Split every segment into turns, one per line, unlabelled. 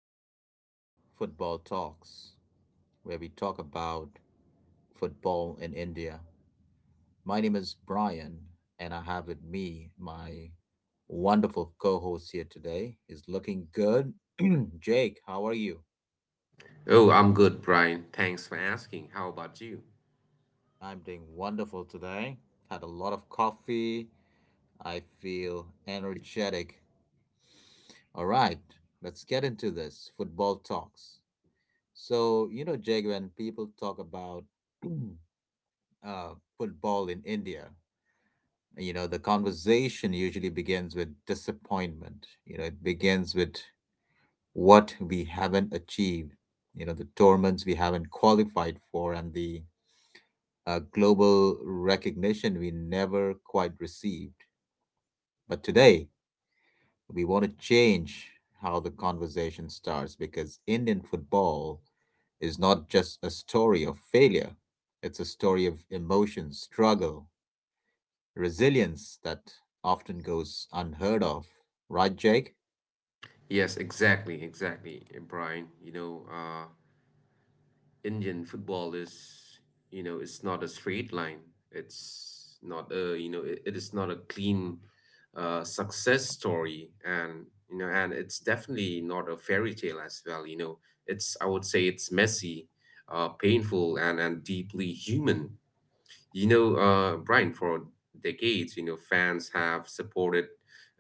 Welcome to Football Talks, where we talk about football in India. My name is Brian, and I have with me my wonderful co host here today. He's looking good. Jake, how are you?
Oh, I'm good, Brian. Thanks for asking. How about you?
I'm doing wonderful today. Had a lot of coffee. I feel energetic. All right, let's get into this football talks. So, you know, Jake, when people talk about uh, football in India, you know, the conversation usually begins with disappointment. You know, it begins with what we haven't achieved, you know, the tournaments we haven't qualified for, and the global recognition we never quite received. But today, we want to change how the conversation starts because Indian football is not just a story of failure, it's a story of emotion, struggle, resilience that often goes unheard of, right, Jake?
Yes, exactly, exactly, Brian. You know, Indian football is, you know, it's not a straight line. It's not a, you know, it is not a clean success story, and you know, and it's definitely not a fairy tale as well. You know, it's I would say it's messy, painful, and deeply human. You know, Brian, for decades, you know, fans have supported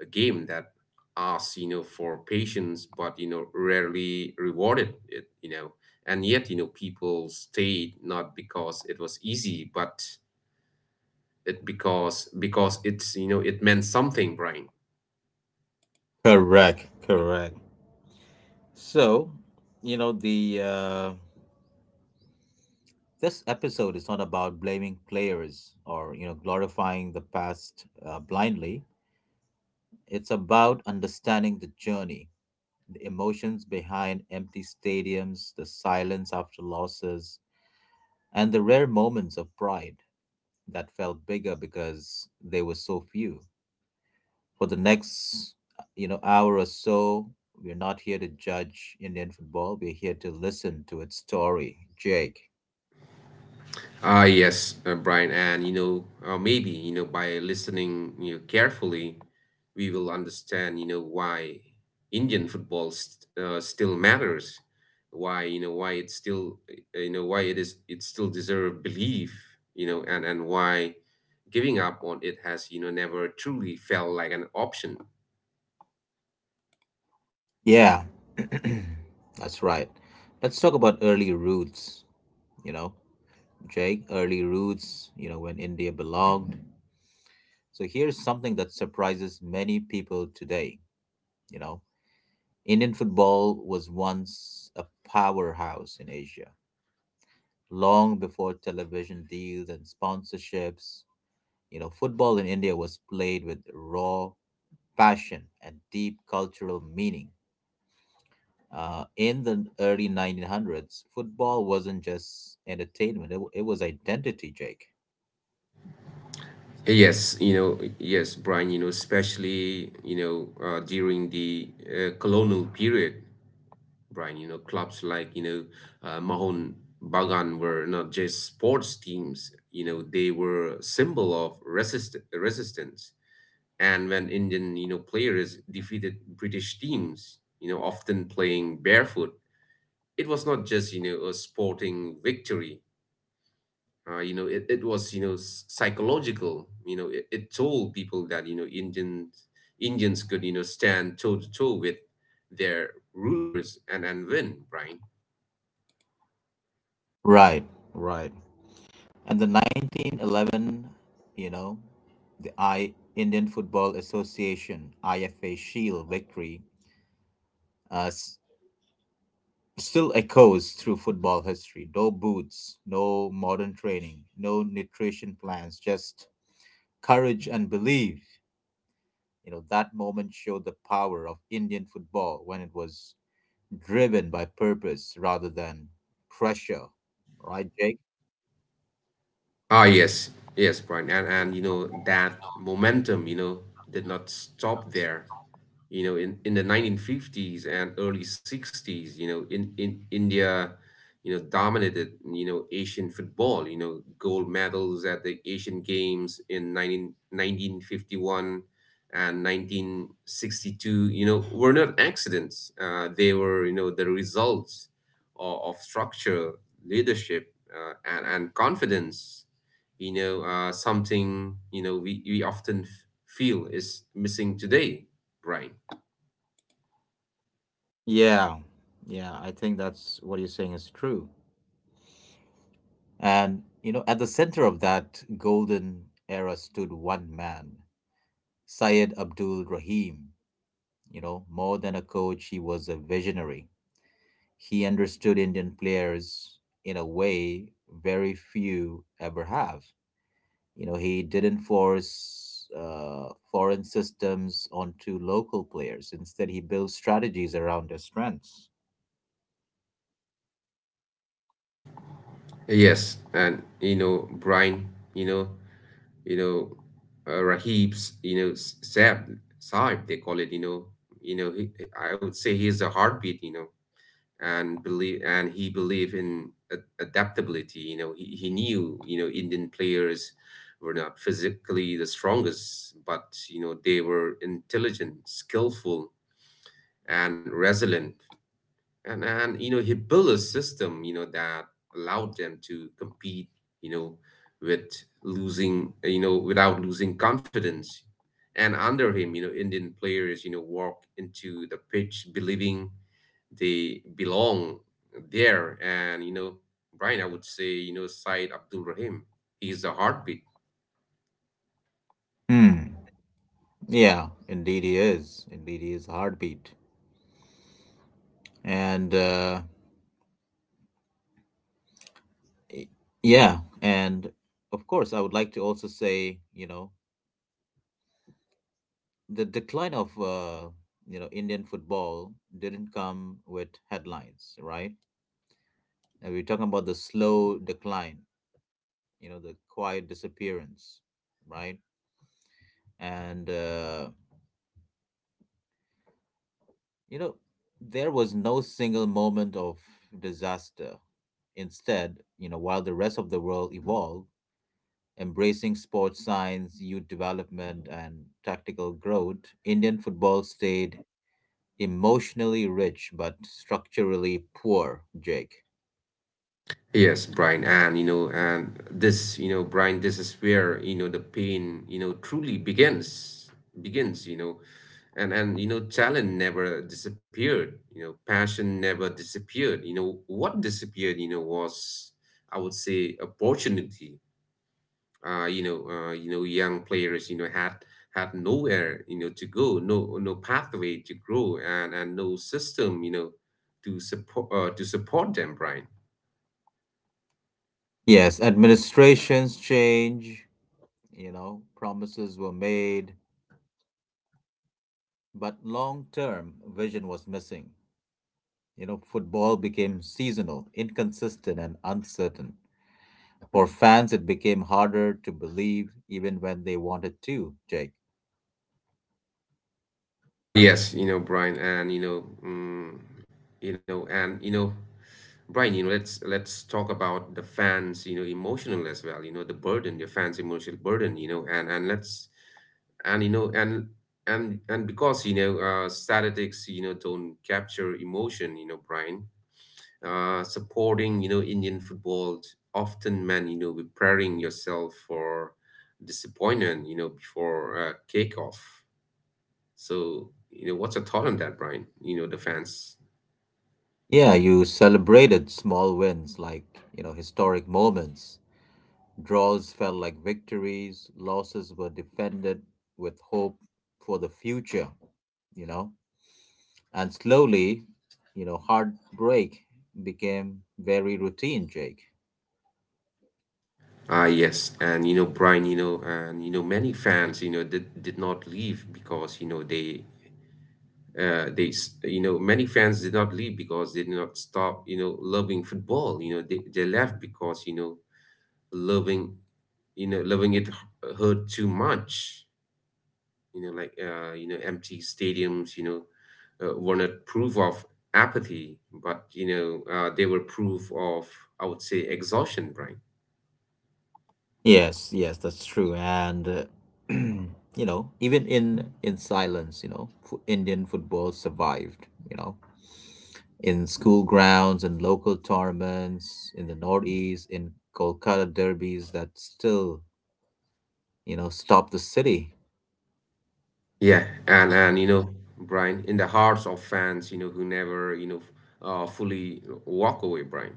a game that asks, you know, for patience, but, you know, rarely rewarded it, you know. And yet, you know, people stayed not because it was easy, but it because it's, you know, it meant something, Brian.
Correct, correct. So, you know, the this episode is not about blaming players or you know glorifying the past blindly. It's about understanding the journey, the emotions behind empty stadiums, the silence after losses, and the rare moments of pride that felt bigger because they were so few. For the next you know hour or so, we're not here to judge Indian football. We're here to listen to its story, Jake.
Ah, yes, Brian, and you know, maybe you know, by listening you know carefully, we will understand you know why Indian football still matters, why you know why it's still you know why it still deserve belief, you know, and why giving up on it has, you know, never truly felt like an option.
Yeah. That's right. Let's talk about early roots, you know, Jake, early roots, you know, when India belonged. So here's something that surprises many people today. You know, Indian football was once a powerhouse in Asia long before television deals and sponsorships. You know, football in India was played with raw passion and deep cultural meaning. In the early 1900s, football wasn't just entertainment, it was identity, Jake.
Yes, you know, yes, Brian, you know, especially, you know, during the colonial period, Brian. You know, clubs like, you know, Mahon Bagan were not just sports teams, you know, they were a symbol of resistance. And when Indian, you know, players defeated British teams, you know, often playing barefoot, it was not just, you know, a sporting victory. You know, it was, you know, psychological. You know, it told people that, you know, Indians could, you know, stand toe to toe with their rulers and, win, Brian.
Right, right. And the 1911, you know, the I Indian Football Association IFA Shield victory uh, s- still echoes through football history. No boots, no modern training, no nutrition plans, just courage and belief. You know, that moment showed the power of Indian football when it was driven by purpose rather than pressure. Right, Jake?
Ah, yes, yes, Brian, and you know that momentum, you know, did not stop there. You know, in the 1950s and early 60s, you know, in India, you know, dominated, you know, Asian football. You know, gold medals at the Asian Games in nineteen fifty one, and 1962. You know, were not accidents. They were, you know, the results of structure, leadership, and confidence you know something you know we often feel is missing today, Brian.
Yeah. Yeah, I think that's what you're saying is true. And, you know, at the center of that golden era stood one man, Syed Abdul Rahim. You know, more than a coach, he was a visionary. He understood Indian players in a way very few ever have. You know, he didn't force foreign systems onto local players. Instead, he built strategies around their strengths.
Yes, and you know, Brian, you know, you know, Rahib's you know Sab Saib they call it you know, you know he, I would say he's a heartbeat you know and believe and he believe in adaptability you know, he knew you know Indian players were not physically the strongest but you know they were intelligent skillful and resilient. And you know, he built a system, you know, that allowed them to compete, you know, with losing, you know, without losing confidence. And under him, you know, Indian players, you know, walk into the pitch believing they belong there. And, you know, Brian, I would say, you know, Said Abdul Rahim, he's the heartbeat.
Hmm. Yeah, indeed he is. Indeed he is a heartbeat. And y- yeah, and of course, I would like to also say, you know, the decline of you know Indian football didn't come with headlines, right? And we're talking about the slow decline, you know, the quiet disappearance, right? And, you know, there was no single moment of disaster. Instead, you know, while the rest of the world evolved, embracing sports science, youth development, and tactical growth, Indian football stayed emotionally rich but structurally poor, Jake.
Yes, Brian, and you know, and this, you know, Brian, this is where, you know, the pain, you know, truly begins, begins, you know, and you know, talent never disappeared, you know, passion never disappeared, you know, what disappeared, you know, was, I would say, opportunity, you know, young players, you know, had had nowhere, you know, to go, no pathway to grow, and no system, you know, to support to support them, Brian.
Yes, administrations change, you know, promises were made, but long term vision was missing. You know, football became seasonal, inconsistent, and uncertain. For fans, it became harder to believe even when they wanted to, Jake.
Ah, yes, you know, Brian, and you know, you know, and you know. Brian, you know, let's talk about the fans, you know, emotional as well, you know, the burden, the fans' emotional burden, you know, and let's and you know and and because you know statistics, you know, don't capture emotion, you know, Brian, supporting you know Indian football often meant you know preparing yourself for disappointment, you know, before off. So you know, what's your thought on that, Brian? You know, the fans.
Yeah, you celebrated small wins like, you know, historic moments. Draws felt like victories, losses were defended with hope for the future, you know. And slowly, you know, heartbreak became very routine, Jake.
Ah, yes, and you know, Brian, you know, and you know, many fans, you know, did not leave because you know they, you know, many fans did not leave because they did not stop, you know, loving football. You know, they left because loving, you know, loving it hurt too much. You know, like you know, empty stadiums, you know, were not proof of apathy, but you know, they were proof of, I would say, exhaustion, Brian.
Yes, yes, that's true. And you know, even in silence, you know, f Indian football survived, you know, in school grounds and local tournaments in the Northeast, in Kolkata derbies that still, you know, stop the city.
Yeah, and you know, Brian, in the hearts of fans, you know, who never, you know, fully walk away, Brian.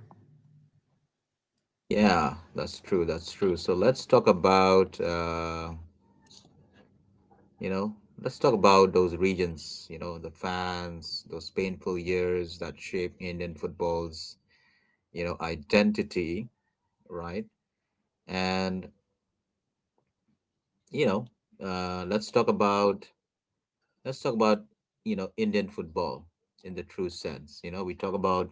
Yeah, that's true. That's true. So let's talk about you know, let's talk about those regions, you know, the fans, those painful years that shape Indian football's, you know, identity, right? And you know uh, let's talk about let's talk about you know Indian football in the true sense. You know we talk about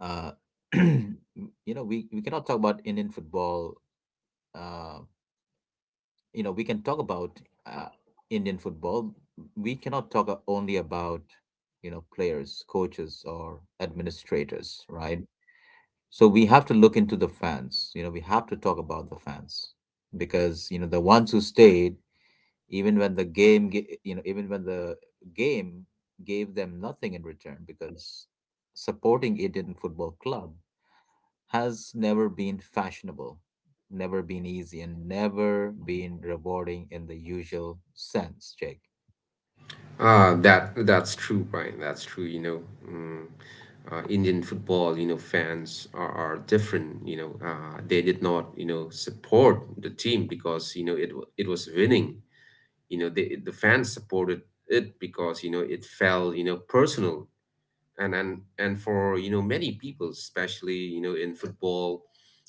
uh, you know we cannot talk about Indian football uh, you know we can talk about uh, Indian football. We cannot talk only about you know players, coaches or administrators, right? So we have to look into the fans. You know we have to talk about the fans, because you know the ones who stayed even when the game you know even when the game gave them nothing in return, because supporting Indian football club has never been fashionable, never been easy and never been rewarding in the usual sense, Jake.
That that's true, Brian. That's true. You know, mm, Indian football, you know, fans are different. You know, they did not, you know, support the team because you know it was winning. You know, they, the fans supported it because you know it felt, you know, personal and and for you know many people especially you know in football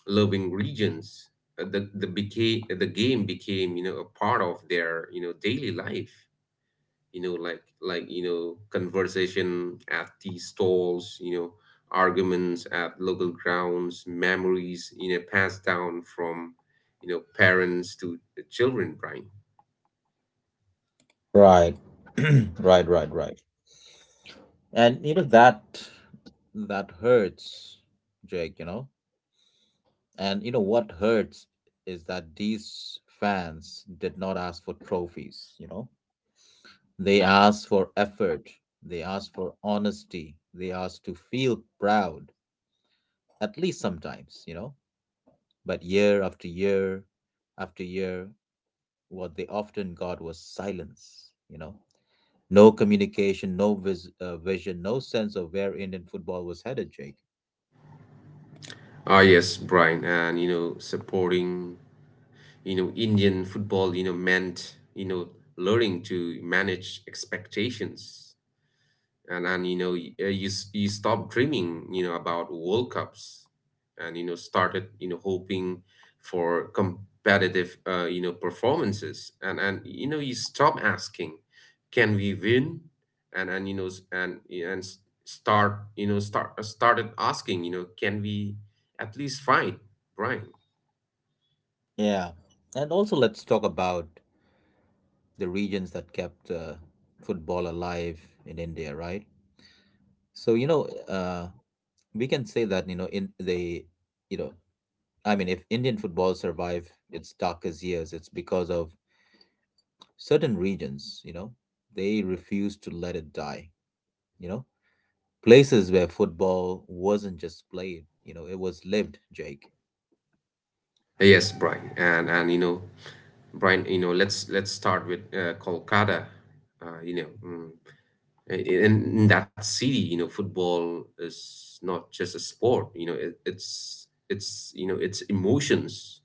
loving regions, the game became you know a part of their you know daily life you know like you know conversation at tea stalls you know arguments at local grounds memories you know passed down from you know parents to the children, Brian.
Right. Right, right, right. And you know that that hurts, Jake. You know, and you know what hurts is that these fans did not ask for trophies. You know, they ask for effort. They ask for honesty. They ask to feel proud, at least sometimes, you know. But year after year after year, what they often got was silence, you know. No communication, no vision, no sense of where Indian football was headed, Jake.
Ah yes, Brian, and you know supporting you know Indian football you know meant you know learning to manage expectations and you know you you stop dreaming you know about World Cups and you know started you know hoping for competitive you know performances and you know you stop asking can we win and you know and start you know start started asking you know can we at least fight, Brian.
Yeah. And also, let's talk about the regions that kept football alive in India, right? So, you know, we can say that, you know, in the you know I mean, if Indian football survived its darkest years, it's because of certain regions, you know, they refused to let it die, you know, places where football wasn't just played, you know, it was lived, Jake.
Yes, Brian, and you know, Brian, you know, let's start with Kolkata. You know, in that city, you know, football is not just a sport. You know, it's you know it's emotions,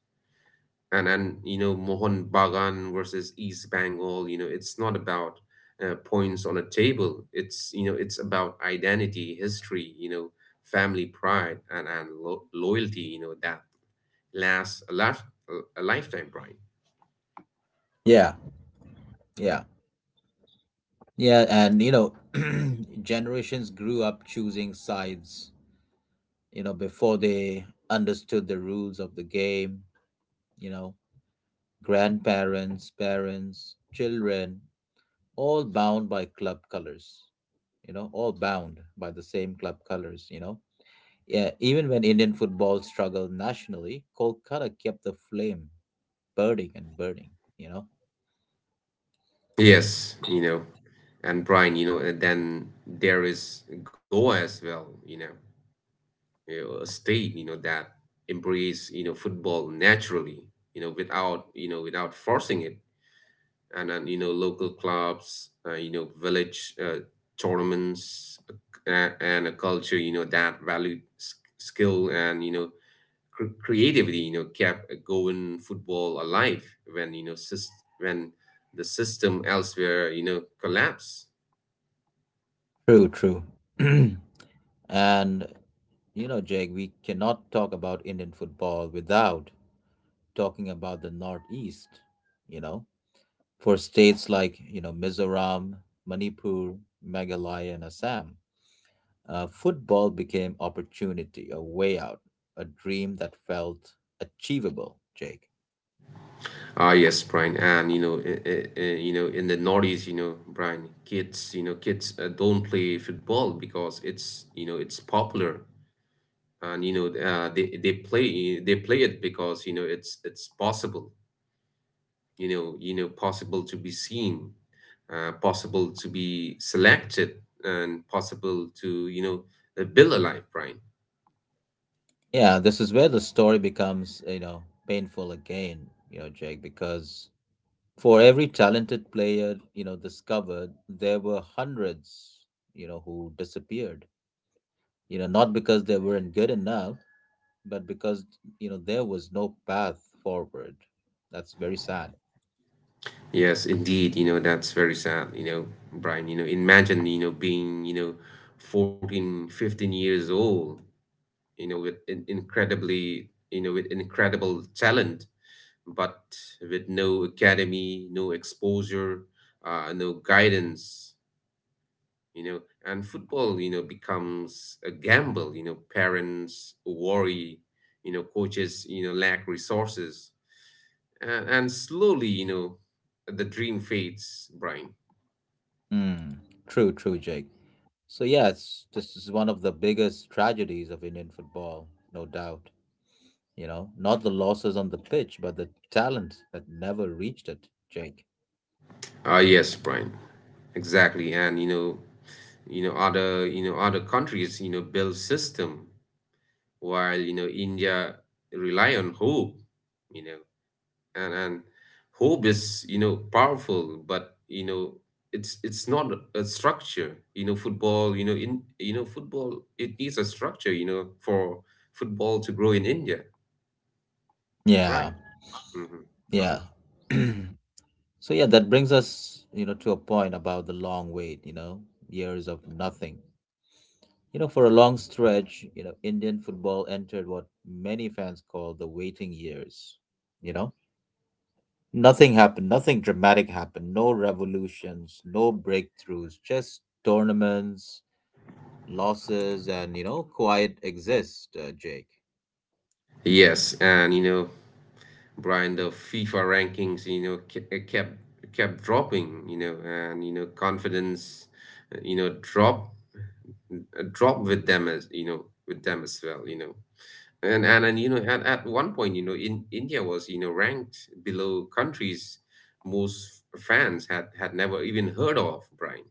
and you know Mohun Bagan versus East Bengal. You know, it's not about points on a table. It's you know it's about identity, history. You know, family pride and loyalty. You know that lasts a lifetime, Brian.
Yeah, yeah, yeah. And, you know, generations grew up choosing sides, you know, before they understood the rules of the game, you know, grandparents, parents, children, all bound by club colors. You know, all bound by the same club colors, you know. Yeah, even when Indian football struggled nationally, Kolkata kept the flame burning and burning, you know.
Yes, you know. And Brian, you know, then there is Goa as well, you know, a state, you know, that embrace, you know, football naturally, you know, without forcing it. And then, you know, local clubs, you know, village tournaments, and a culture, you know, that valued skill and, you know, creativity, you know, kept going football alive when, you know, when the system elsewhere, you know, collapsed.
True, true. And, you know, Jake, we cannot talk about Indian football without talking about the Northeast, you know. For states like, you know, Mizoram, Manipur, Meghalaya, and Assam, football became opportunity, a way out, a dream that felt achievable, Jake.
Ah, yes, Brian, and you know, you know, in the noughties, you know, Brian, kids, you know, kids don't play football because it's, you know, it's popular, and you know, they play it because you know it's possible you know possible to be seen, possible to be selected and possible to you know build a life, Brian.
Yeah, this is where the story becomes, you know, painful again, you know, Jake, because for every talented player, you know, discovered, there were hundreds, you know, who disappeared. You know, not because they weren't good enough, but because, you know, there was no path forward. That's very sad.
Yes, indeed. You know, that's very sad, you know, Brian. You know, imagine, you know, being, you know, 14, 15 years old, you know, with in incredibly, you know, with incredible talent, but with no academy, no exposure, no guidance, you know, and football, you know, becomes a gamble. You know, parents worry, you know, coaches, you know, lack resources, and slowly, you know, the dream fades, Brian.
Mm, true, true, Jake. So yes, this is one of the biggest tragedies of Indian football, no doubt. You know, not the losses on the pitch, but the talent that never reached it, Jake.
Ah, yes, Brian, exactly, and you know, other countries, you know, build system, while you know India rely on hope, you know and hope is you know powerful but you know it's not a structure you know football you know in you know football it needs a structure you know for football to grow in India,
Yeah,
Brian. Hmm,
yeah. So yeah, that brings us, you know, to a point about the long wait, you know, years of nothing. You know, for a long stretch, you know, Indian football entered what many fans call the waiting years, you know? Nothing happened. Nothing dramatic happened. No revolutions, no breakthroughs, just tournaments, losses, and, you know, quiet exist, Jake.
yes and you know Brian the FIFA rankings you know kept dropping you know and you know confidence you know drop drop with them as you know with them as well you know and you know at one point you know in India was you know ranked below countries most fans had never even heard of, Brian.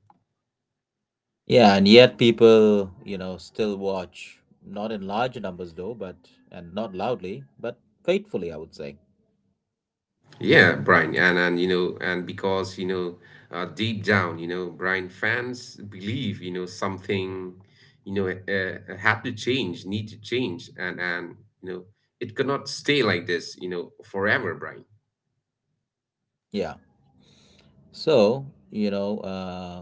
Yeah, and yet people, you know, still watch. Not in large numbers, though, but, and not loudly, but faithfully, I would say.
Yeah, Brian, and you know and because you know deep down you know Brian fans believe you know something you know had to change need to change and you know it cannot stay like this you know forever, Brian.
Yeah. So, you know,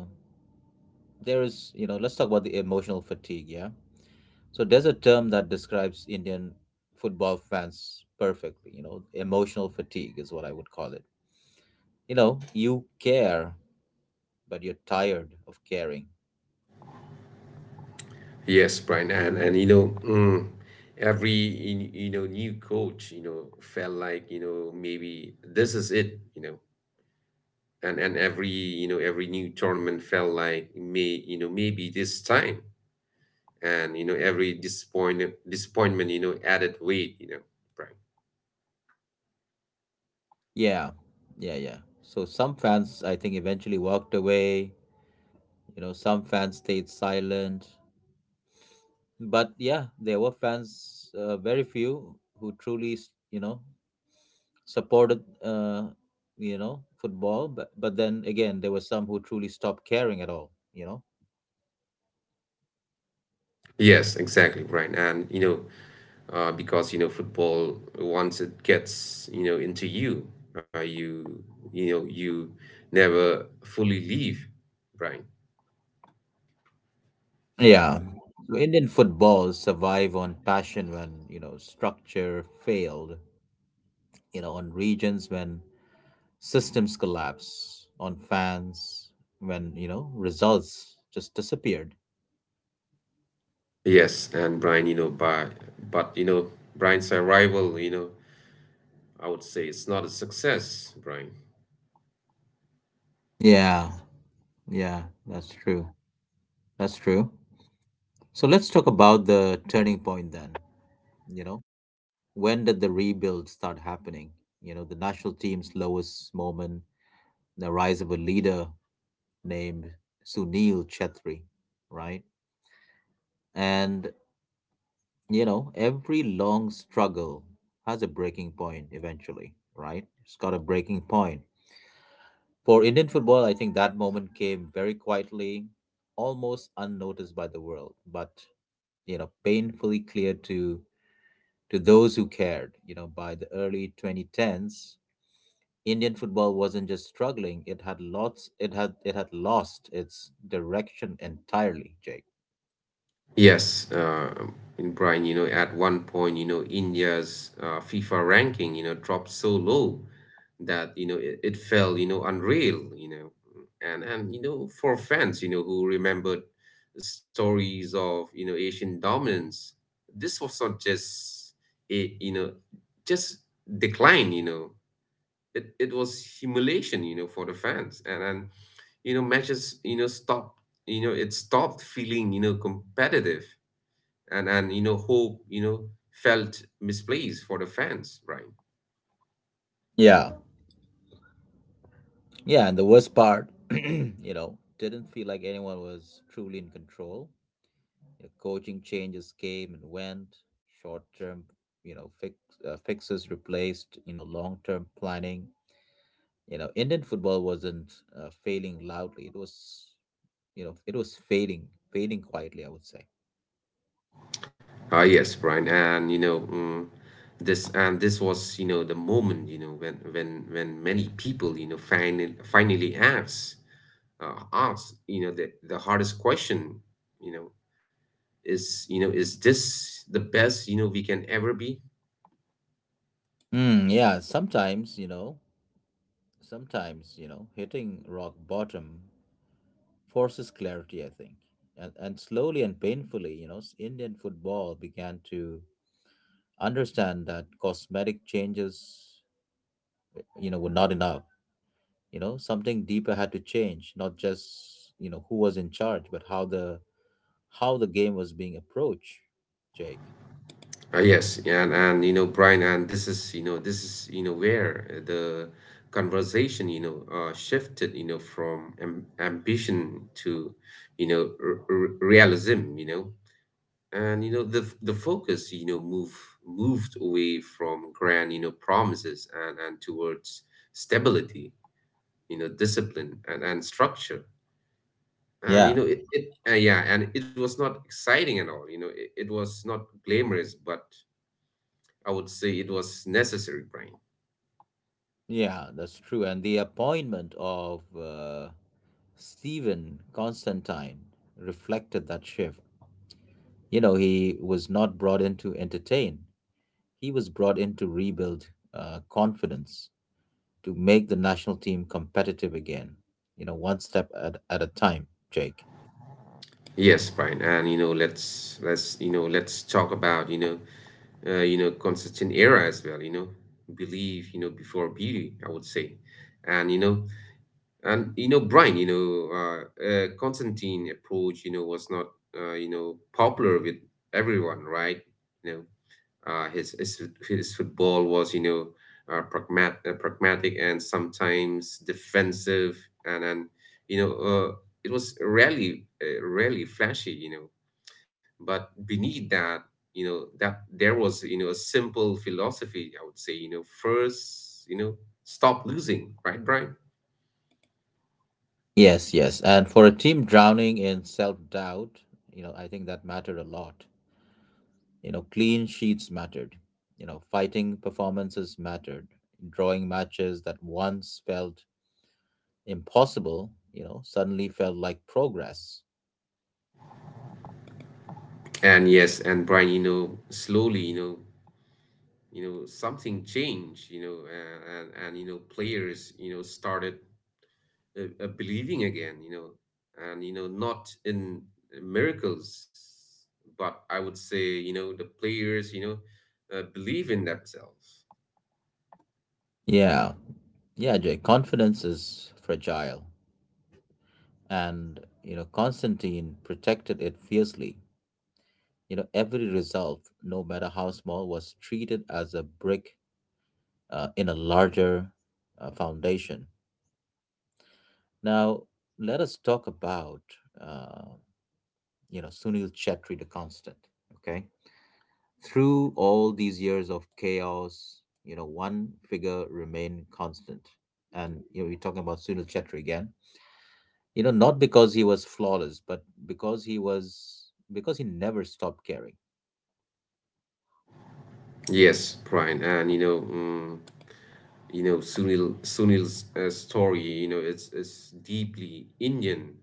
there is, you know, let's talk about the emotional fatigue, yeah? So there's a term that describes Indian football fans perfectly. You know, emotional fatigue is what I would call it. You know, you care, but you're tired of caring.
Yes, Brian, and you know, every you know new coach, you know, felt like you know maybe this is it, you know, and every you know every new tournament felt like may you know maybe this time, and you know every disappointment you know added weight, you know, Brian.
Yeah, yeah, yeah. So some fans, I think, eventually walked away. You know, some fans stayed silent. But yeah, there were fans, very few, who truly, you know, supported, you know, football. But then again, there were some who truly stopped caring at all. You know.
Yes, exactly, Brian, and because football once it gets into you, you you know you never fully leave, Brian.
Yeah. So Indian football survived on passion when, you know, structure failed, you know, on regions when systems collapse, on fans when, you know, results just disappeared.
Yes, and Brian, you know, by but you know, Brian's arrival, you know, I would say it's not a success, Brian.
Yeah. Yeah, that's true. That's true. So let's talk about the turning point then. You know, when did the rebuild start happening? You know, the national team's lowest moment, the rise of a leader named Sunil Chetri, right? And, you know, every long struggle has a breaking point eventually, right? It's got a breaking point. For Indian football, I think that moment came very quietly, almost unnoticed by the world, but, you know, painfully clear to those who cared. You know, by the early 2010s, Indian football wasn't just struggling, it had it had lost its direction entirely, Jake.
Yes, and Brian, you know, at one point, you know, India's FIFA ranking, you know, dropped so low that it felt, you know, unreal, you know, and you know, for fans, you know, who remembered stories of Asian dominance, this was not just a you know just decline, it was humiliation, you know, for the fans. And then, you know, matches, you know, stopped, you know, it stopped feeling, you know, competitive. And you know, hope, you know, felt misplaced for the fans, Brian.
Yeah. Yeah, and the worst part, you know, didn't feel like anyone was truly in control. You know, coaching changes came and went, short term, you know, fixes replaced, you know, long term planning. You know, Indian football wasn't failing loudly. It was, you know, it was fading, fading quietly, I would say.
Yes, Brian. And, this was the moment when many people finally ask uh, you know the hardest question, you know is is this the best we can ever be?
Mm, yeah, sometimes, you know, hitting rock bottom forces clarity, I think. And slowly and painfully, you know, Indian football began to understand that cosmetic changes, you know, were not enough. Something deeper had to change, not just, who was in charge, but how the game was being approached, Jake.
Brian, and this is you know where the conversation shifted you know from ambition to realism, you know, and you know the the focus moved away from grand promises and towards stability, you know, discipline and structure. And
Yeah.
it was not exciting at all. You know, it was not glamorous, but I would say it was necessary, Brian.
Yeah, that's true. And the appointment of Stephen Constantine reflected that shift. You know, he was not brought in to entertain. He was brought in to rebuild confidence, to make the national team competitive again, you know, one step at a time, Jake.
Yes, Brian, and let's talk about you know, consistent era as well. You know, believe before beauty, I would say, and you know, Brian, you know, Constantine approach, you know, was not you know popular with everyone, right? You know, Uh, his, his his football was, you know, pragmatic and sometimes defensive, and you know, it was rarely rarely flashy, you know. But beneath that, there was, you know, a simple philosophy. I would say, you know, first, you know, stop losing, right, Brian?
Yes, yes. And for a team drowning in self doubt, you know, I think that mattered a lot. Clean sheets mattered. Fighting performances mattered. Drawing matches that once felt impossible, suddenly felt like progress.
And yes, and Brian, you know, slowly, you know, something changed, you know, and you know, players, you know, started believing again, you know, and you know, not in miracles, but I would say, you know, the players, you know, believe in themselves.
Yeah. Yeah, Jake. Confidence is fragile. And Constantine protected it fiercely. Every result, no matter how small, was treated as a brick in a larger foundation. Now let us talk about uh, Sunil Chetri the Constant. Okay, through all these years of chaos, one figure remained constant, and we are talking about Sunil Chetri again. Not because he was flawless, but because he never stopped caring.
Yes, Brian, and you know, Sunil's story, you know, it's deeply Indian,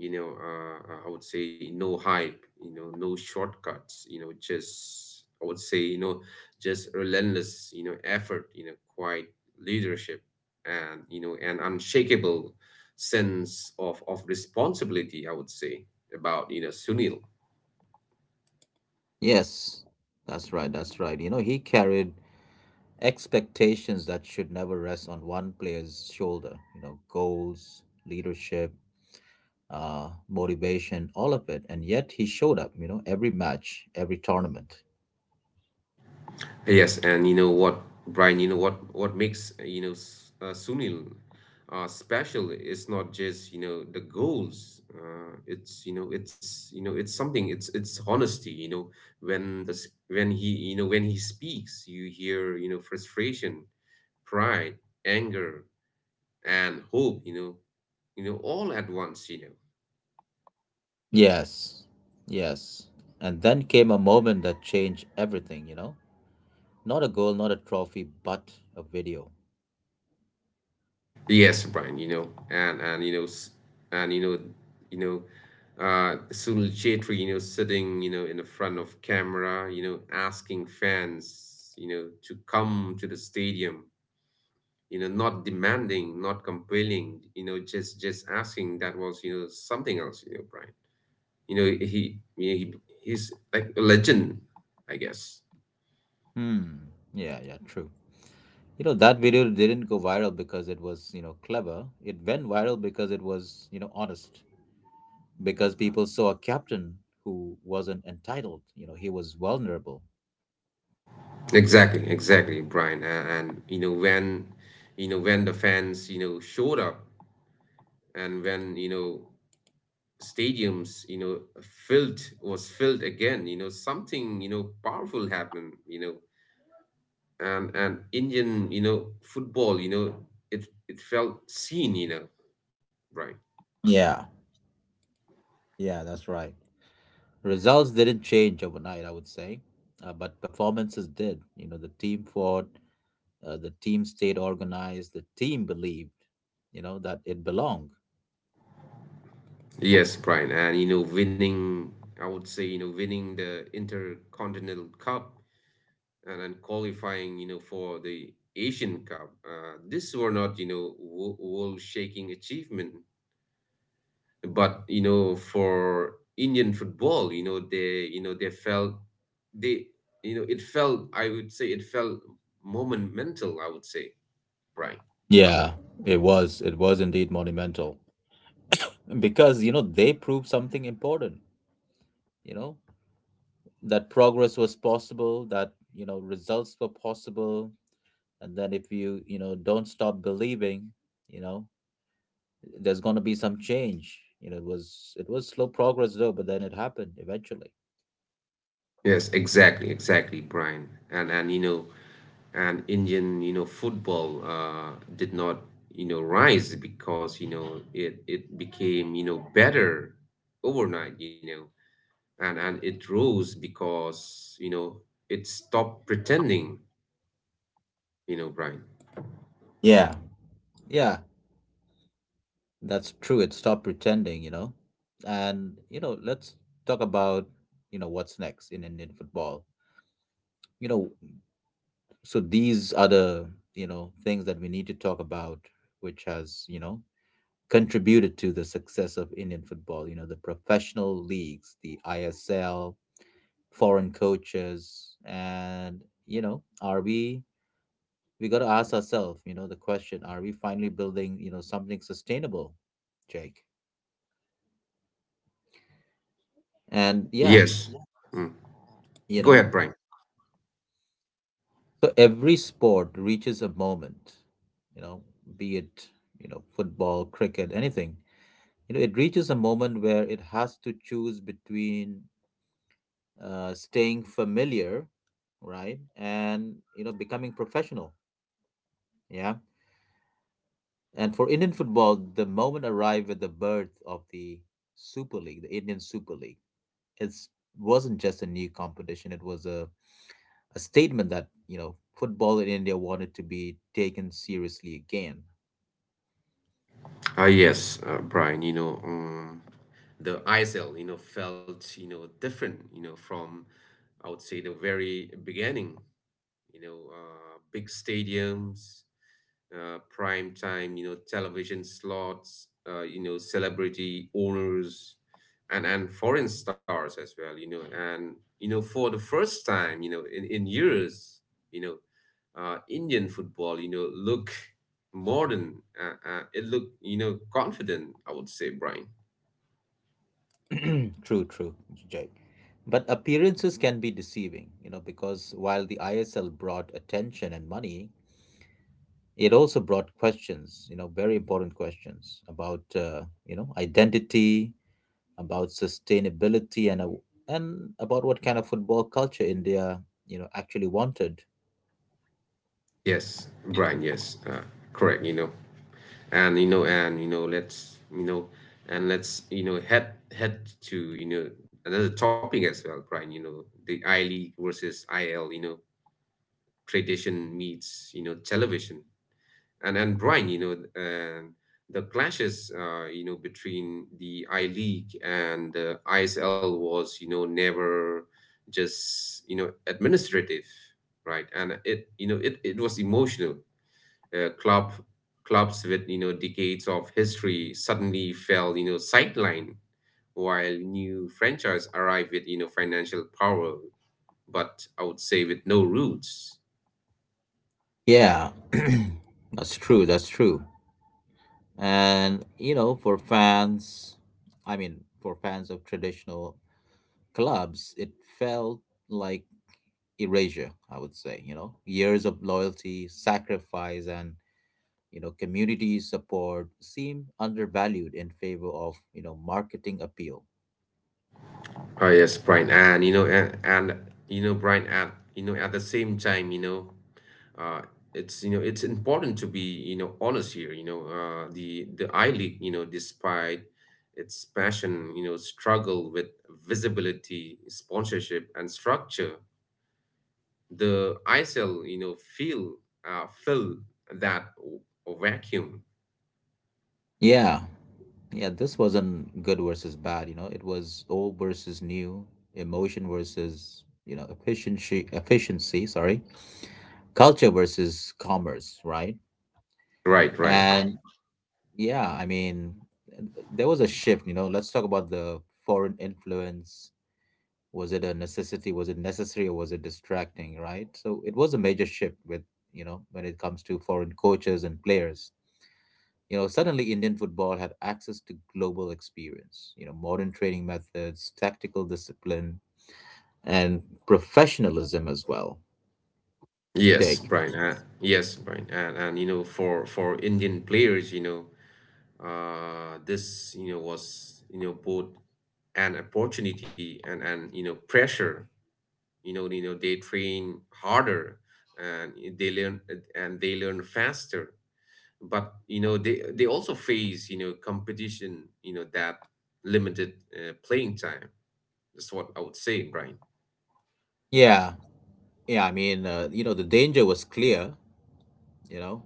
I would say no hype you know no shortcuts you know just I would say you know just relentless you know effort you know quiet leadership and you know an unshakable sense of responsibility I would say about you know Sunil.
Yes, that's right, that's right. He carried expectations that should never rest on one player's shoulder, you know, goals, leadership, motivation, all of it. And yet he showed up, you know, every match, every tournament.
Yes, and you know what, Brian, what makes Sunil special is not just you know the goals. It's you know it's you know it's something. It's honesty. You know when he when he speaks, you hear you know frustration, pride, anger, and hope. You know, all at once. You know.
Yes, yes. And then came a moment that changed everything, you know? Not a goal, not a trophy, but a video.
Yes, Brian, you know, and you know, s- and you know, Sunil Chetri, you know, sitting, you know, in the front of camera, you know, asking fans, you know, to come to the stadium, you know, not demanding, not compelling, you know, just asking. That was, you know, something else, you know, Brian. You know, he, you know, he he's like a legend, I guess.
Hmm. Yeah, yeah, true. That video didn't go viral because it was, clever. It went viral because it was, honest. Because people saw a captain who wasn't entitled. He was vulnerable.
Exactly, exactly, Brian. And you know, when the fans, you know, showed up and when you know stadiums you know filled again you know something you know powerful happened you know and indian you know football you know it felt seen you know right.
Yeah. Yeah, that's right. Results didn't change overnight, I would say, but performances did. The team fought, the team stayed organized, the team believed, that it belonged.
Yes, Brian, and you know winning I would say you know winning the Intercontinental Cup and then qualifying you know for the Asian Cup, these were not you know world shaking achievement but you know for indian football you know they felt they you know it felt I would say it felt monumental I would say brian.
Yeah, it was. It was indeed monumental because, they proved something important, you know, that progress was possible, that results were possible, and then if you you know don't stop believing, you know there's going to be some change. It was slow progress though, but then it happened eventually.
Yes, exactly, exactly, Brian, and you know and indian you know football did not rise because you know it became you know better overnight you know and it rose because you know it stopped pretending you know brian.
Yeah, yeah, that's true. It stopped pretending. And let's talk about what's next in Indian football. you know so these are the things that we need to talk about, which has contributed to the success of Indian football. The professional leagues, the ISL, foreign coaches, and are we? We got to ask ourselves, the question: are we finally building, something sustainable, Jake? And yeah,
Yes. Mm.
you
Go
know,
ahead, Brian.
so every sport reaches a moment, you know, be it football, cricket, anything. It reaches a moment where it has to choose between staying familiar, right, and becoming professional. Yeah, and for Indian football, the moment arrived with the birth of the Super League, the Indian Super League. It wasn't just a new competition; it was a statement that football in India wanted to be taken seriously again.
Yes, Brian, the ISL, you know, felt, you know, different, you know, from, I would say, the very beginning, you know, big stadiums, prime time, you know, television slots, you know, celebrity owners, and foreign stars as well, you know, and you know, for the first time, you know, in years, you know, Indian football, you know, look modern. It look, you know, confident. I would say, Brian.
True, true, Jay. But appearances can be deceiving, because while the ISL brought attention and money, it also brought questions, very important questions about, identity, about sustainability, and about what kind of football culture India, actually wanted.
Yes, Brian. Yes, Correct. You know, and you know and you know let's you know and let's you know head to you know another topic as well brian you know the I League versus il you know tradition meets you know television and brian you know and the clashes you know between the I League and the ISL was you know never just you know administrative right and it you know it, it was emotional, uh, club clubs with you know decades of history suddenly fell you know sideline while new franchise arrive with you know financial power but I would say with no roots.
Yeah, that's true. That's true. And for fans, I mean, for fans of traditional clubs, it felt like erasure. I would say, years of loyalty, sacrifice, and community support seemed undervalued in favor of marketing appeal.
Oh yes, Brian, and you know a- and you know brian at at the same time you know uh it's you know it's important to be you know honest here you know the I League you know despite its passion you know struggle with visibility sponsorship and structure. The ISIL, you know, feel fill that w- vacuum.
Yeah, yeah, this wasn't good versus bad. It was old versus new, emotion versus efficiency, sorry, culture versus commerce, right?
Right, right.
And yeah, I mean there was a shift. Let's talk about the foreign influence. Was it a necessity? Was it necessary, or was it distracting, right? So it was a major shift with when it comes to foreign coaches and players. Suddenly Indian football had access to global experience, modern training methods, tactical discipline, and professionalism as well,
Yes,
Jake.
Brian. Yes, Brian. And you know, for Indian players, you know, this you know was you know both an opportunity and you know pressure. You know, they train harder and they learn and they learn faster. But you know they also face you know competition. You know that limited playing time. That's what I would say, Brian.
Yeah, yeah, I mean, the danger was clear. you know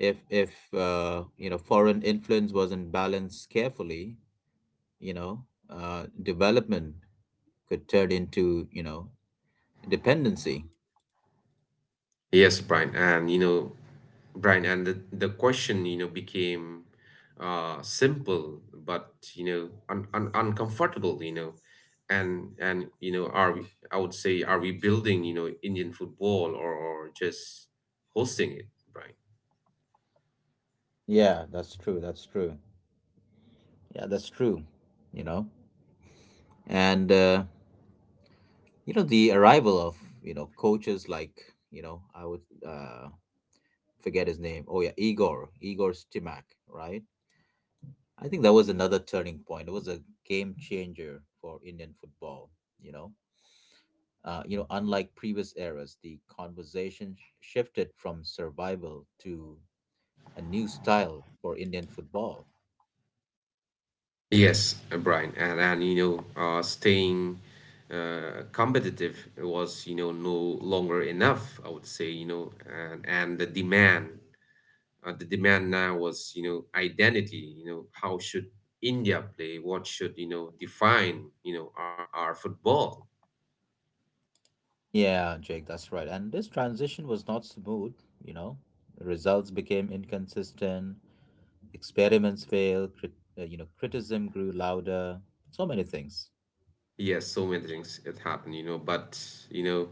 if foreign influence wasn't balanced carefully, you know development could turn into, dependency.
Yes, Brian, Brian, and the question, you know, became simple, but you know, un un uncomfortable, you know, and you know, are we, I would say, are we building, you know, Indian football or just hosting it, Brian?
Yeah, that's true. That's true. Yeah, that's true. You know, and the arrival of coaches like, I would uh, forget his name. Oh yeah, Igor Stimac, right? I think that was another turning point. It was a game changer for Indian football. You know, Unlike previous eras, the conversation shifted from survival to a new style for Indian football.
Yes, Brian, and you know, staying competitive was you know no longer enough. I would say you know, and the demand now was you know identity. You know, how should India play? What should you know define you know our football?
Yeah, Jake, that's right. And this transition was not smooth, you know. Results became inconsistent, experiments failed, criticism grew louder, so many things.
Yes, so many things it happen, you know, but you know,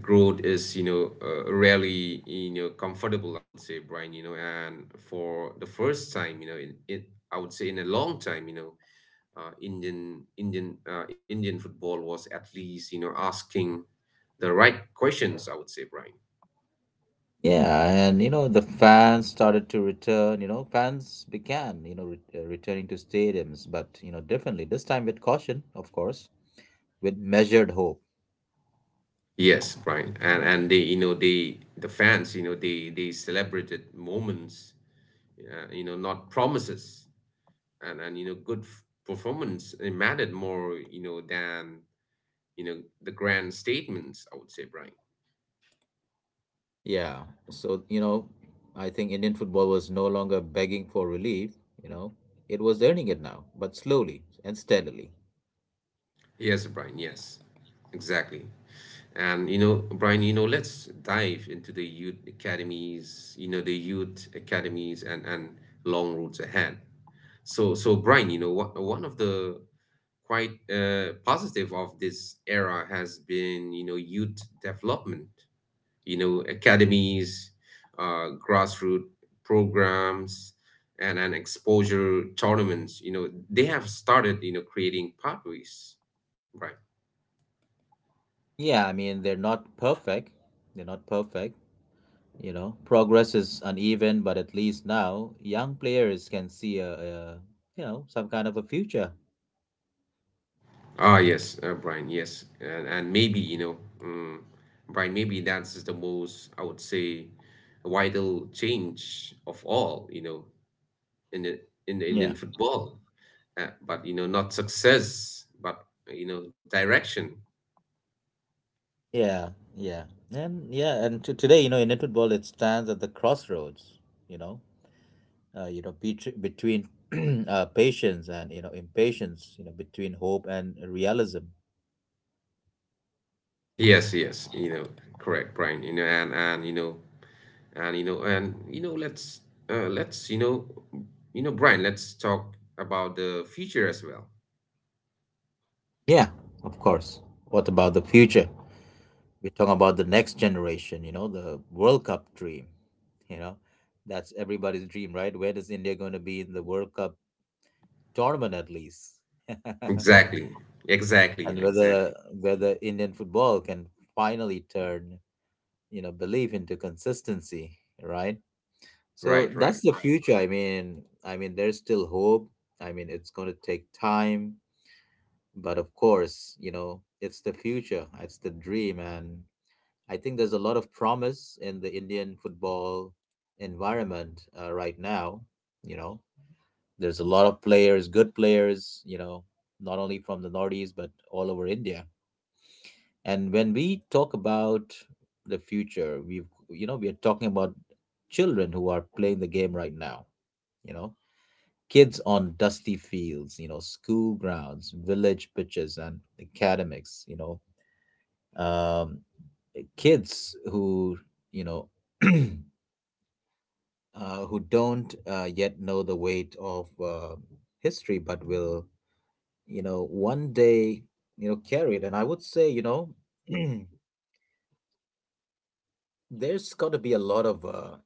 growth is, you know, rarely, you know, comfortable, I would say, Brian, you know, and for the first time, you know, in I would say in a long time, you know, Indian football was at least, you know, asking the right questions, I would say, Brian.
Yeah, and the fans started to return, fans began, returning to stadiums, but differently. This time with caution, of course, with measured hope.
Yes, Brian, and they, you know, the fans, you know, they celebrated moments, you know, not promises, and you know good performance it mattered more you know than you know the grand statements I would say brian.
Yeah. So, I think Indian football was no longer begging for relief, you know. It was earning it now, but slowly and steadily.
Yes, Brian, yes, exactly, and you know brian you know let's dive into the youth academies you know the youth academies and long routes ahead. So, so Brian, one of the quite positive of this era has been you know youth development, you know, academies, grassroots programs, and an exposure tournaments. You know, they have started, you know, creating pathways. Right.
Yeah, I mean, they're not perfect. They're not perfect. Progress is uneven, but at least now young players can see some kind of a future.
Yes, Brian. Yes, and maybe you know, um, Brian. Maybe that's the most I would say vital change of all. You know, in the, in the
Yeah.
Indian football, but you know, not success, but you know, direction.
Yeah. Yeah. And yeah, and to today, Indian football, it stands at the crossroads, you know. Between patience and, impatience, between hope and realism.
Yes, yes, you know, correct, Brian. You know, and you know, let's uh, let's you know, Brian, let's talk about the future as well.
Yeah, of course. What about the future? We're talking about the next generation, the World Cup dream, you know, that's everybody's dream, right? Where does India going to be in the World Cup tournament at least?
Exactly, exactly,
and whether
exactly.
whether Indian football can finally turn, belief into consistency, right? So
Right, right.
that's the future. I mean, there's still hope. I mean, it's going to take time, but of course, it's the future. It's the dream, and I think there's a lot of promise in the Indian football environment right now. You know, there's a lot of players, good players. Not only from the Northeast but all over India. And when we talk about the future, we've you know we are talking about children who are playing the game right now. You know, Kids on dusty fields, school grounds, village pitches, and academics, um, kids who, you know, uh, who don't yet know the weight of history, but will, one day, carry it. And I would say, there's got to be a lot of,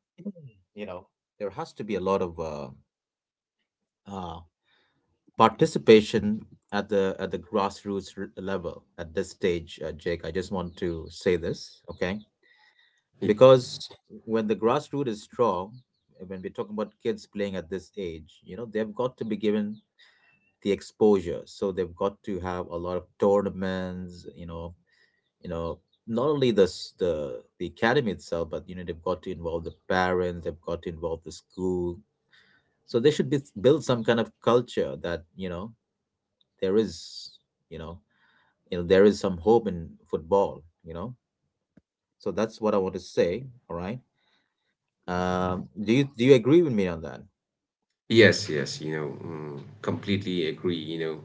you know, there has to be a lot of uh, participation at the grassroots level at this stage, Jake. I just want to say this, okay?
Y-
Because when the grassroots is strong, when we're talking about kids playing at this age, they've got to be given the exposure. So they've got to have a lot of tournaments. You know Not only the the academy itself, but they've got to involve the parents. They've got to involve the school. So they should be build some kind of culture, that there is, you know there is some hope in football, you know. So that's what I want to say, all right? Do you agree with me on that?
Yes, yes. You know, completely agree. You know,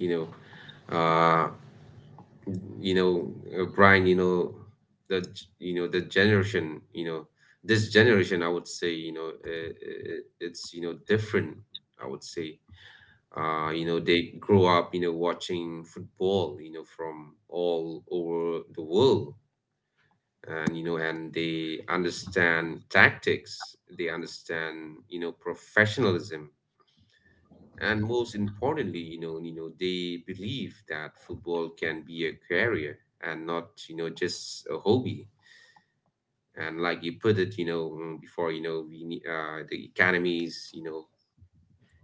you know, uh, you know, Brian. You know, the generation. This generation, I would say. It's different, I would say. They grow up, watching football, from all over the world. And, and they understand tactics. They understand, professionalism. And most importantly, they believe that football can be a career and not, just a hobby. And like you put it, before, we need the economies. you know,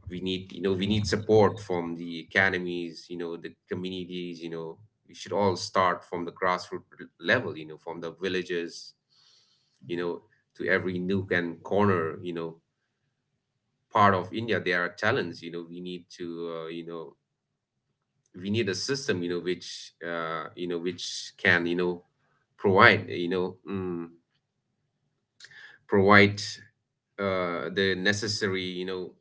we need you know we need support from the academies, the communities. We should all start from the grassroots level, from the villages, you know to every nook and corner, part of India. There are talents. You know we need to you know we need a system which can provide you know mm, provide the necessary you know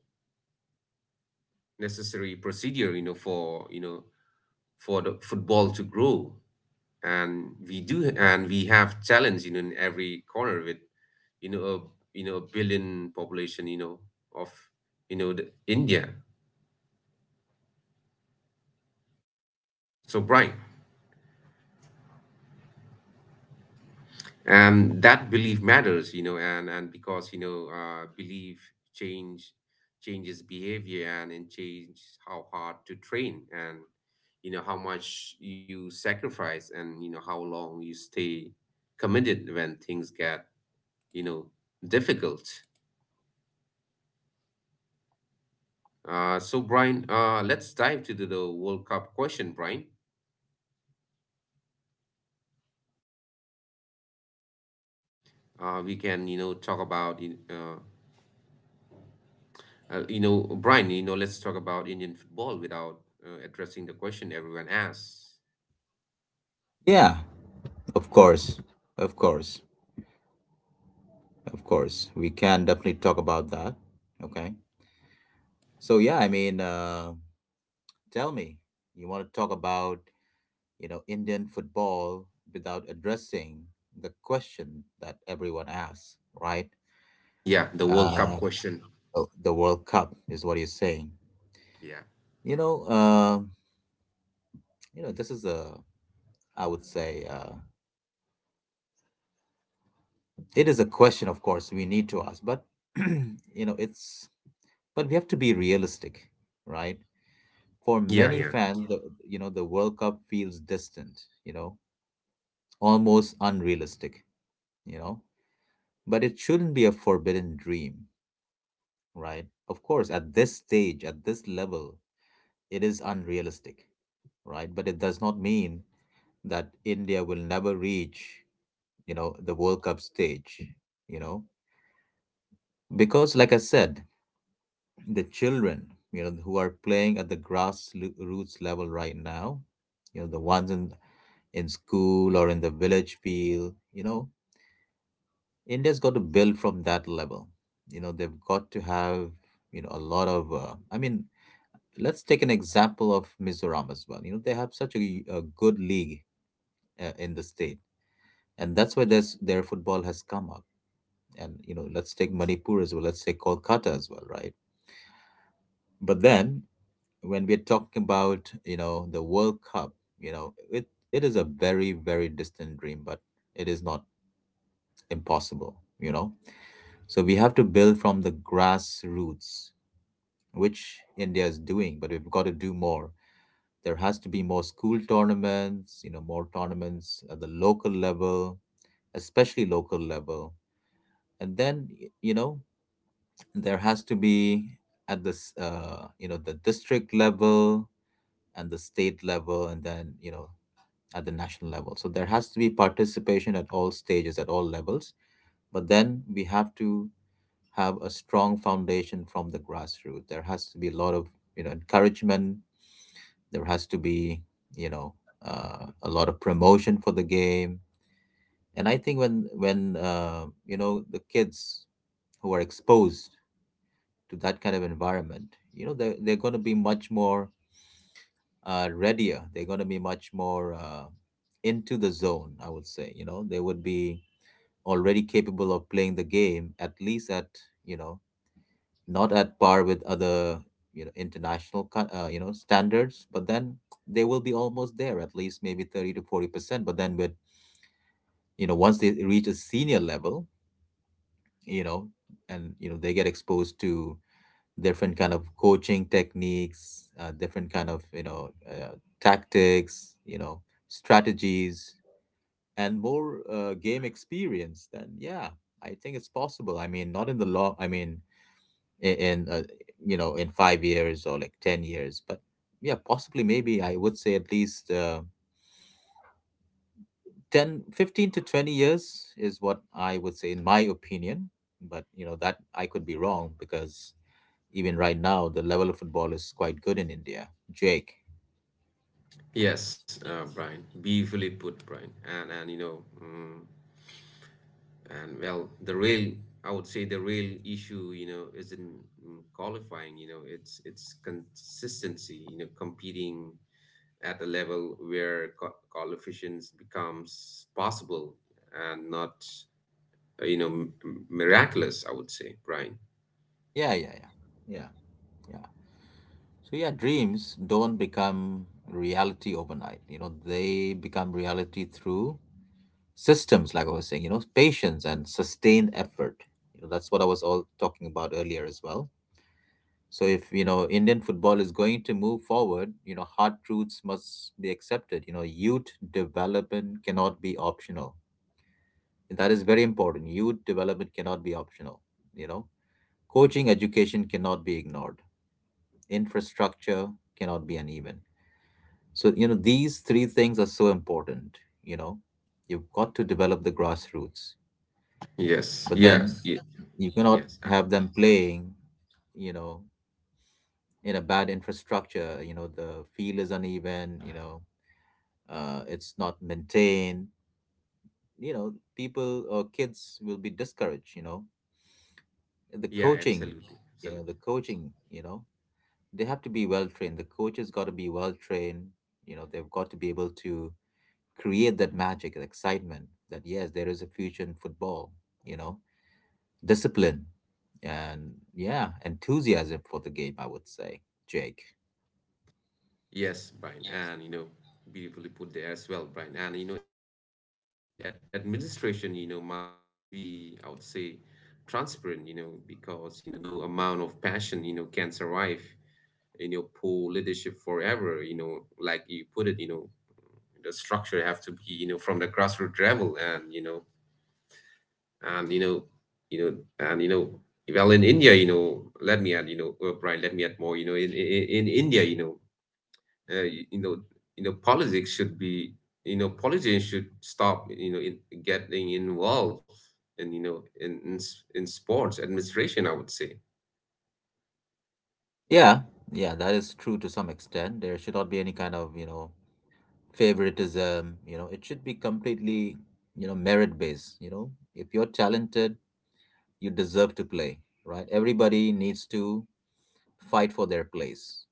necessary procedure for the football to grow. And we do and we have challenge, in every corner with, you know a a billion population, of the India, so bright. And that belief matters, and because, belief changes behavior, and it changes how hard to train, and, how much you sacrifice, and, how long you stay committed when things get, you know, difficult. So, Brian, let's dive to the World Cup question, Brian. We can, talk about. Brian, let's talk about Indian football without addressing the question everyone asks.
Yeah, of course, of course, of course we can definitely talk about that. Okay, so yeah, I mean, tell me, you want to talk about Indian football without addressing the question that everyone asks, right?
Yeah, the
Yeah.
World Cup question.
Oh, the world cup is what you're saying.
Yeah,
you know um this is a, I would say, it is a question, of course, we need to ask, but you know, it's but we have to be realistic, right? For
yeah,
many
yeah.
fans, the World Cup feels distant, you know, almost unrealistic, you know, but it shouldn't be a forbidden dream, right? Of course, at this stage, at this level, it is unrealistic, right? But it does not mean that India will never reach, the World Cup stage, you know, because like I said, the children, who are playing at the grassroots level right now, the ones in school or in the village field, India's got to build from that level. They've got to have, a lot of. I mean, let's take an example of Mizoram as well. They have such a good league in the state, and that's why there's their football has come up. And let's take Manipur as well. Let's take Kolkata as well, right? But then when we're talking about the World Cup, it is a very very distant dream, but it is not impossible. So we have to build from the grassroots, which India is doing, but we've got to do more. There has to be more school tournaments, more tournaments at the local level, especially local level, and then there has to be at this the district level, and the state level, and then at the national level. So there has to be participation at all stages, at all levels. But then we have to have a strong foundation from the grassroots. There has to be a lot of encouragement. There has to be you know a lot of promotion for the game. And I think when the kids who are exposed to that kind of environment, they're going to be much more readier. They're going to be much more into the zone. I would say they would be already capable of playing the game, at least at, you know, not at par with other, international, standards, but then they will be almost there, at least maybe 30 to 40%. But then with, once they reach a senior level, you know, and, they get exposed to different kind of coaching techniques, different kind of, tactics, strategies, and more game experience, then yeah, I think it's possible. I mean, not in the long, I mean, in, in uh, in 5 years or like 10 years, but yeah, possibly maybe I would say at least 10, 15 to 20 years is what I would say in my opinion. But that I could be wrong, because even right now, the level of football is quite good in India. Jake.
Yes,
Yes.
Brian. Beautifully put, Brian. And you know, mm And well, I would say, the real issue, isn't, qualifying. It's consistency, competing at a level where qualifications becomes possible and not, miraculous, I would say, Brian.
Yeah, yeah, yeah, yeah, yeah. So yeah, dreams don't become reality overnight. They become reality through systems, like I was saying, patience and sustained effort. That's what I was all talking about earlier as well. So if, Indian football is going to move forward, hard truths must be accepted. Youth development cannot be optional. That is very important. Youth development cannot be optional, you know. Coaching education cannot be ignored. Infrastructure cannot be uneven. So, these three things are so important. You know, you've got to develop the grassroots,
Yes.
but then,
Yeah.
yes,
Yeah.
you cannot
Yes.
have them playing, you know, in a bad infrastructure. The field is uneven, it's not maintained. People or kids will be discouraged. The
Yeah,
coaching,
absolutely.
you know, the
Absolutely.
coaching, you know, they have to be well trained. The coaches got to be well trained. They've got to be able to create that magic and excitement, that yes there is a future in football, you know discipline, and yeah enthusiasm for the game, I would say. Jake. Yes.
Yes, Brian, and beautifully put there as well, Brian. And you know, ad administration, must be, I would say, transparent, because, no amount of passion, can survive, poor leadership forever, like you put it, the structure have to be, from the grassroots level. And you know, you know, and you know, well, in India, let me add, Brian, let me add more, in India. You know y- you know politics should be, politicians should stop, in getting involved in you know in, s- in sports administration, I would say.
Yeah, yeah, that is true to some extent. There should not be any kind of favoritism. It should be completely merit based. If you're talented, you deserve to play, right? Everybody needs to fight for their place,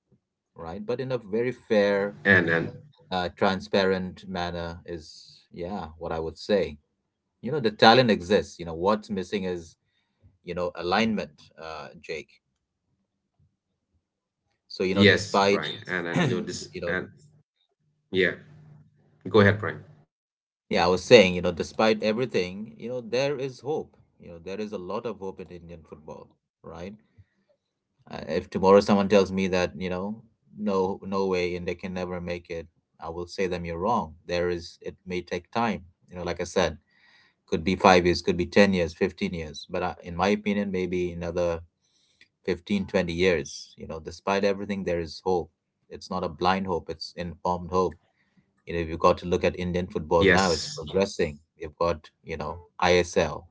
right? But in a very fair,
And
transparent manner is, yeah, what I would say. The talent exists. What's missing is, alignment. Jake. So,
yes,
despite.
Brian. and and
Yes.
you know this,
you know
and, yeah, go ahead, Brian.
yeah, I was saying, despite everything, there is hope. There is a lot of hope in Indian football, right? If tomorrow someone tells me that no, no way, and they can never make it, I will say them, you're wrong. There is, it may take time. Like I said, could be 5 years, could be 10 years, 15 years, but I, in my opinion, maybe another 15 20 years. Despite everything, there is hope. It's not a blind hope, it's informed hope. You've got to look at Indian football now. It's
Yes,
progressing. You've got, ISL,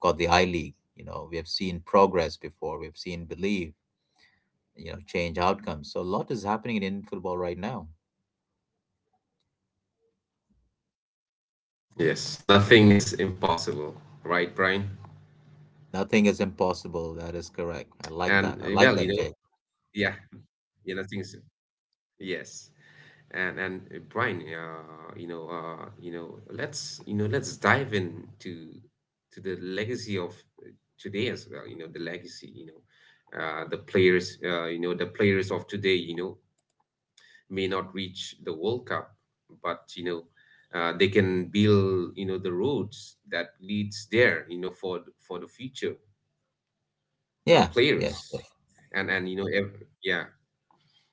got the I League. We have seen progress before. We've seen believe, change outcomes. So a lot is happening in Indian football right now.
yes, nothing is impossible, right, Brian?
Nothing is impossible, that is correct. I
And
like
well,
that. I like that. Jake.
yeah, yeah, nothing is. Yes. And Brian, let's dive into to the legacy of, uh, today as well. The legacy. The players. The players of today, may not reach the World Cup, but, they can build, the roads that leads there. For the future,
Yeah, yes,
players.
yes.
And and you know, ev- yeah,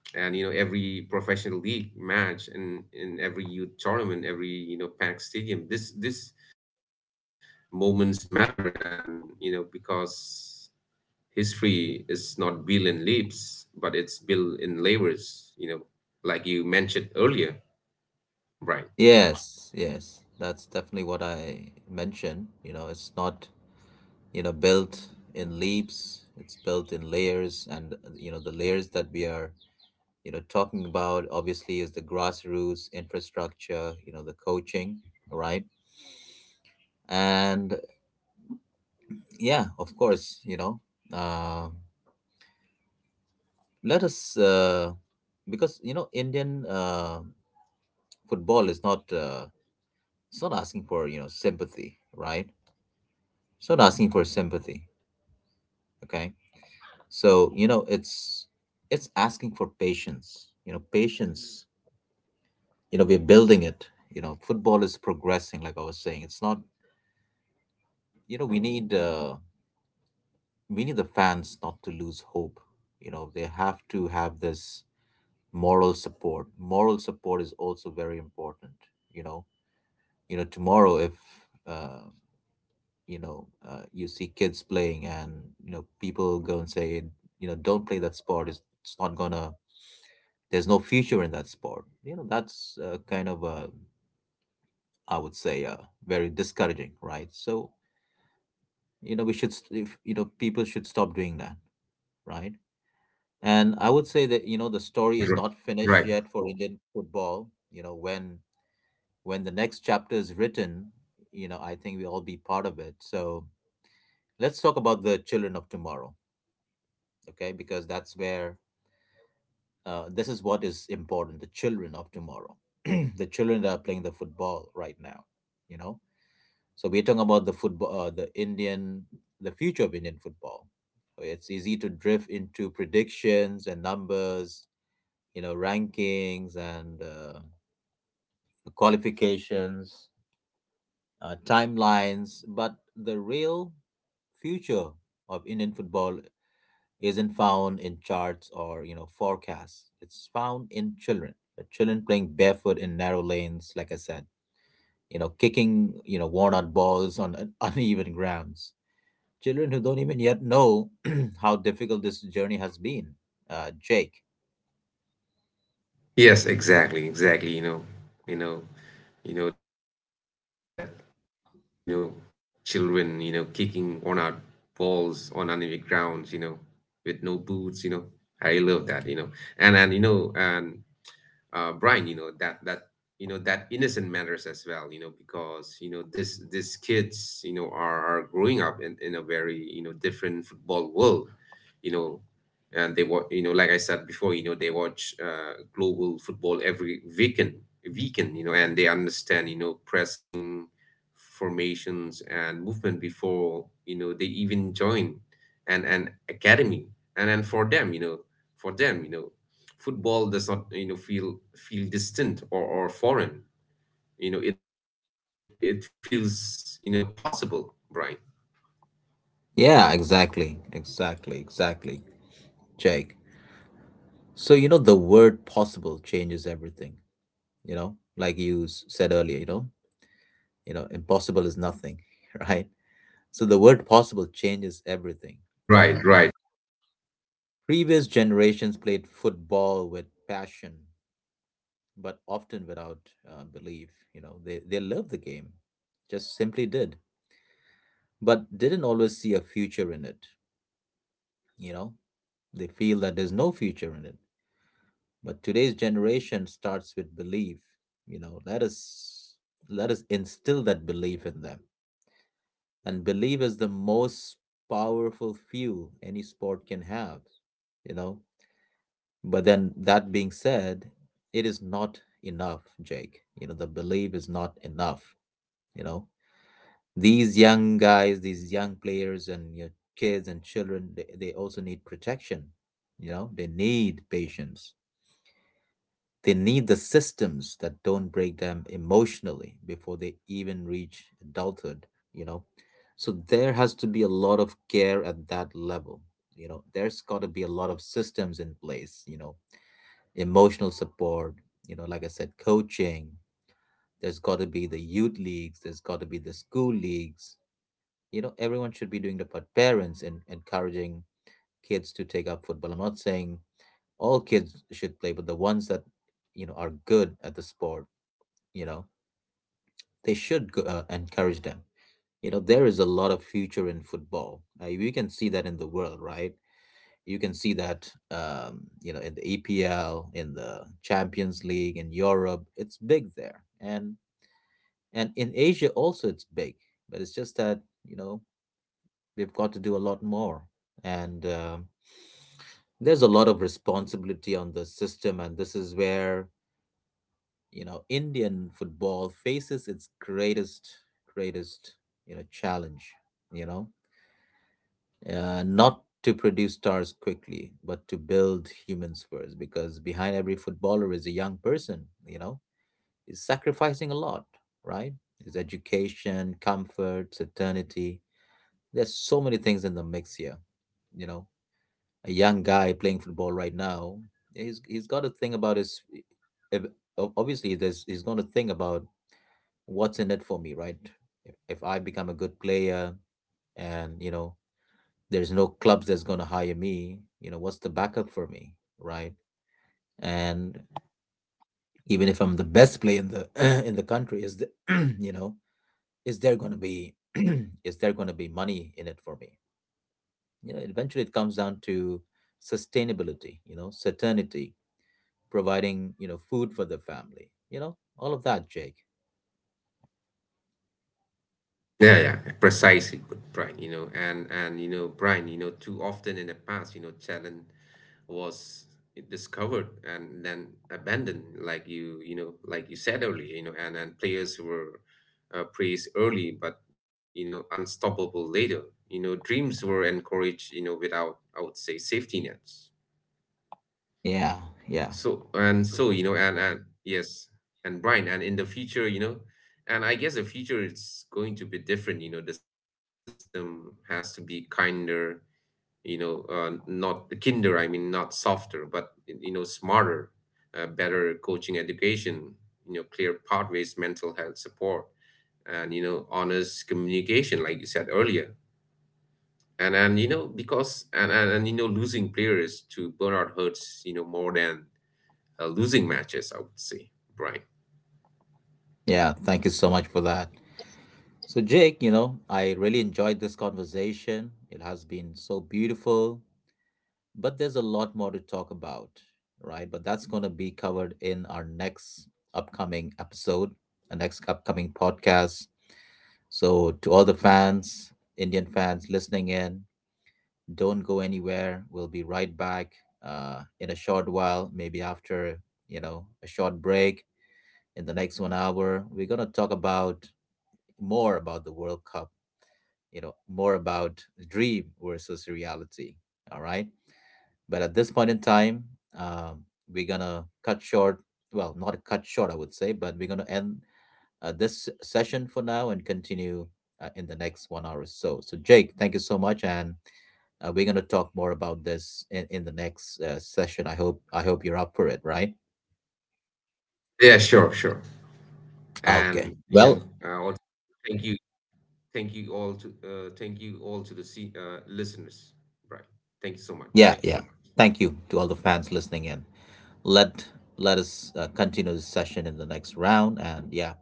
and you know every professional league match and in every youth tournament, every, packed stadium, this moments matter, and because history is not built in leaps, but it's built in labors, like you mentioned earlier. Right,
Yes, yes, that's definitely what I mentioned. It's not, built in leaps, it's built in layers. And, the layers that we are, talking about obviously is the grassroots infrastructure, the coaching, right? And yeah, of course, uh, let us, because, Indian football is not, it's not asking for, sympathy, right? It's not asking for sympathy, okay? So, you know, it's asking for patience, patience. We're building it. Football is progressing, like I was saying. It's not. You know we need uh, we need the fans not to lose hope. They have to have this moral support. Moral support is also very important. you know tomorrow, if uh, you see kids playing, and people go and say, don't play that sport, it's not gonna, there's no future in that sport. That's kind of, I would say, very discouraging, right? So you know we should st- if, you know people should stop doing that, right? And I would say that, the story is
right,
not finished
right.
yet for Indian football, when the next chapter is written, I think we'll all be part of it. So let's talk about the children of tomorrow, okay? Because that's where, this is what is important: the children of tomorrow. The children that are playing the football right now, you know So we're talking about the football, the Indian, the future of Indian football. So, it's easy to drift into predictions and numbers, rankings, and qualifications, timelines. But the real future of Indian football isn't found in charts or forecasts. It's found in children. The children playing barefoot in narrow lanes, like I said, kicking worn out balls on uneven grounds, children who don't even yet know how difficult this journey has been. Jake.
Yes, exactly, exactly. You know, you know, you know that, you know children, kicking on our balls on enemy grounds, with no boots. I love That. And Brian, you know, that that you know that innocent matters as well, because, this, these kids, are growing up in a very, different football world. You know, and they watch, like I said before, they watch, global football every weekend. And they understand, pressing formations and movement before, they even join an academy. And for them, for them you know football does not, feel distant or foreign. It feels, possible, right,
Yeah, exactly. Exactly. Exactly. Jake. So, the word possible changes everything, like you said earlier, impossible is nothing, right? So the word possible changes everything, you
right,
know.
right.
Previous generations played football with passion, but often without belief. They loved the game, just simply did, but didn't always see a future in it. You know, they feel that there's no future in it. But today's generation starts with belief. You know, let us let us instill that belief in them. And belief is the most powerful fuel any sport can have. You know, but then, that being said, it is not enough, Jake. The belief is not enough. You know, these young guys, these young players and your kids and children, they also need protection. They need patience. They need the systems that don't break them emotionally before they even reach adulthood, you know. So there has to be a lot of care at that level. There's got to be a lot of systems in place, emotional support, like I said, coaching. There's got to be the youth leagues, there's got to be the school leagues. Everyone should be doing the part, parents, and encouraging kids to take up football. I'm not saying all kids should play, but the ones that are good at the sport, you know they should go, encourage them. There is a lot of future in football. You can see that in the world, right? You can see that in the EPL, in the Champions League, in Europe it's big there, and in Asia also it's big. But it's just that, you know we've got to do a lot more, and there's a lot of responsibility on the system. And this is where, Indian football faces its greatest, greatest, challenge. You know uh, not to produce stars quickly, but to build humans first, because behind every footballer is a young person, you know he's sacrificing a lot, right? His education, comfort, eternity. There's so many things in the mix here, you know a young guy playing football right now, he's got to think about his. If, obviously, there's, he's going to think about what's in it for me, right? If I become a good player, and, there's no clubs that's going to hire me, what's the backup for me, right? And even if I'm the best player in the in the country, is the, you know, is there going to be is there going to be money in it for me? Eventually it comes down to sustainability, certainty, providing, you know, food for the family, you know, all of that, Jake.
Yeah, yeah, yeah, precisely. But Brian, Brian, too often in the past, talent was discovered and then abandoned, like you said earlier. And players were, praised early, but, unstoppable later. You know, dreams were encouraged, you know, without, I would say, safety nets.
Yeah, yeah,
So and so, and yes. And Brian, and in the future, you know, and I guess the future, it's going to be different. The system has to be kinder. Not kinder, I mean. Not softer, but, smarter, better coaching education. Clear pathways, mental health support, and honest communication, like you said earlier. Losing players to burnout hurts. More than, losing matches, I would say, Brian.
yeah. Thank you so much for that. So, Jake, I really enjoyed this conversation. It has been so beautiful, but there's a lot more to talk about, right? But that's going to be covered in our next upcoming episode, our next upcoming podcast. So, to all the fans, Indian fans listening in: Don't go anywhere. We'll be right back in a short while, maybe after, a short break. In the next 1 hour, we're going to talk about more about the World Cup, more about dream versus reality. All right. But at this point in time, um, we're going to cut short. Well, not cut short, I would say, but we're going to end this session for now, and continue in the next 1 hour or so. So, Jake, thank you so much, and we're going to talk more about this in the next session. I hope you're up for it, right?
Yeah, sure, sure.
Okay.
And you
Well,
know, I want to thank you all to, thank you all to the listeners, Brian. Thank you so much.
yeah, yeah. Thank you to all the fans listening in. Let let us continue this session in the next round. And yeah,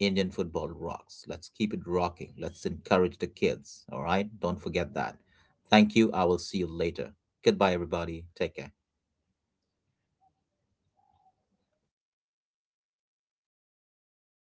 Indian football rocks. Let's keep it rocking. Let's encourage the kids. All right. Don't forget that. Thank you. I will see you later. Goodbye, everybody. Take care.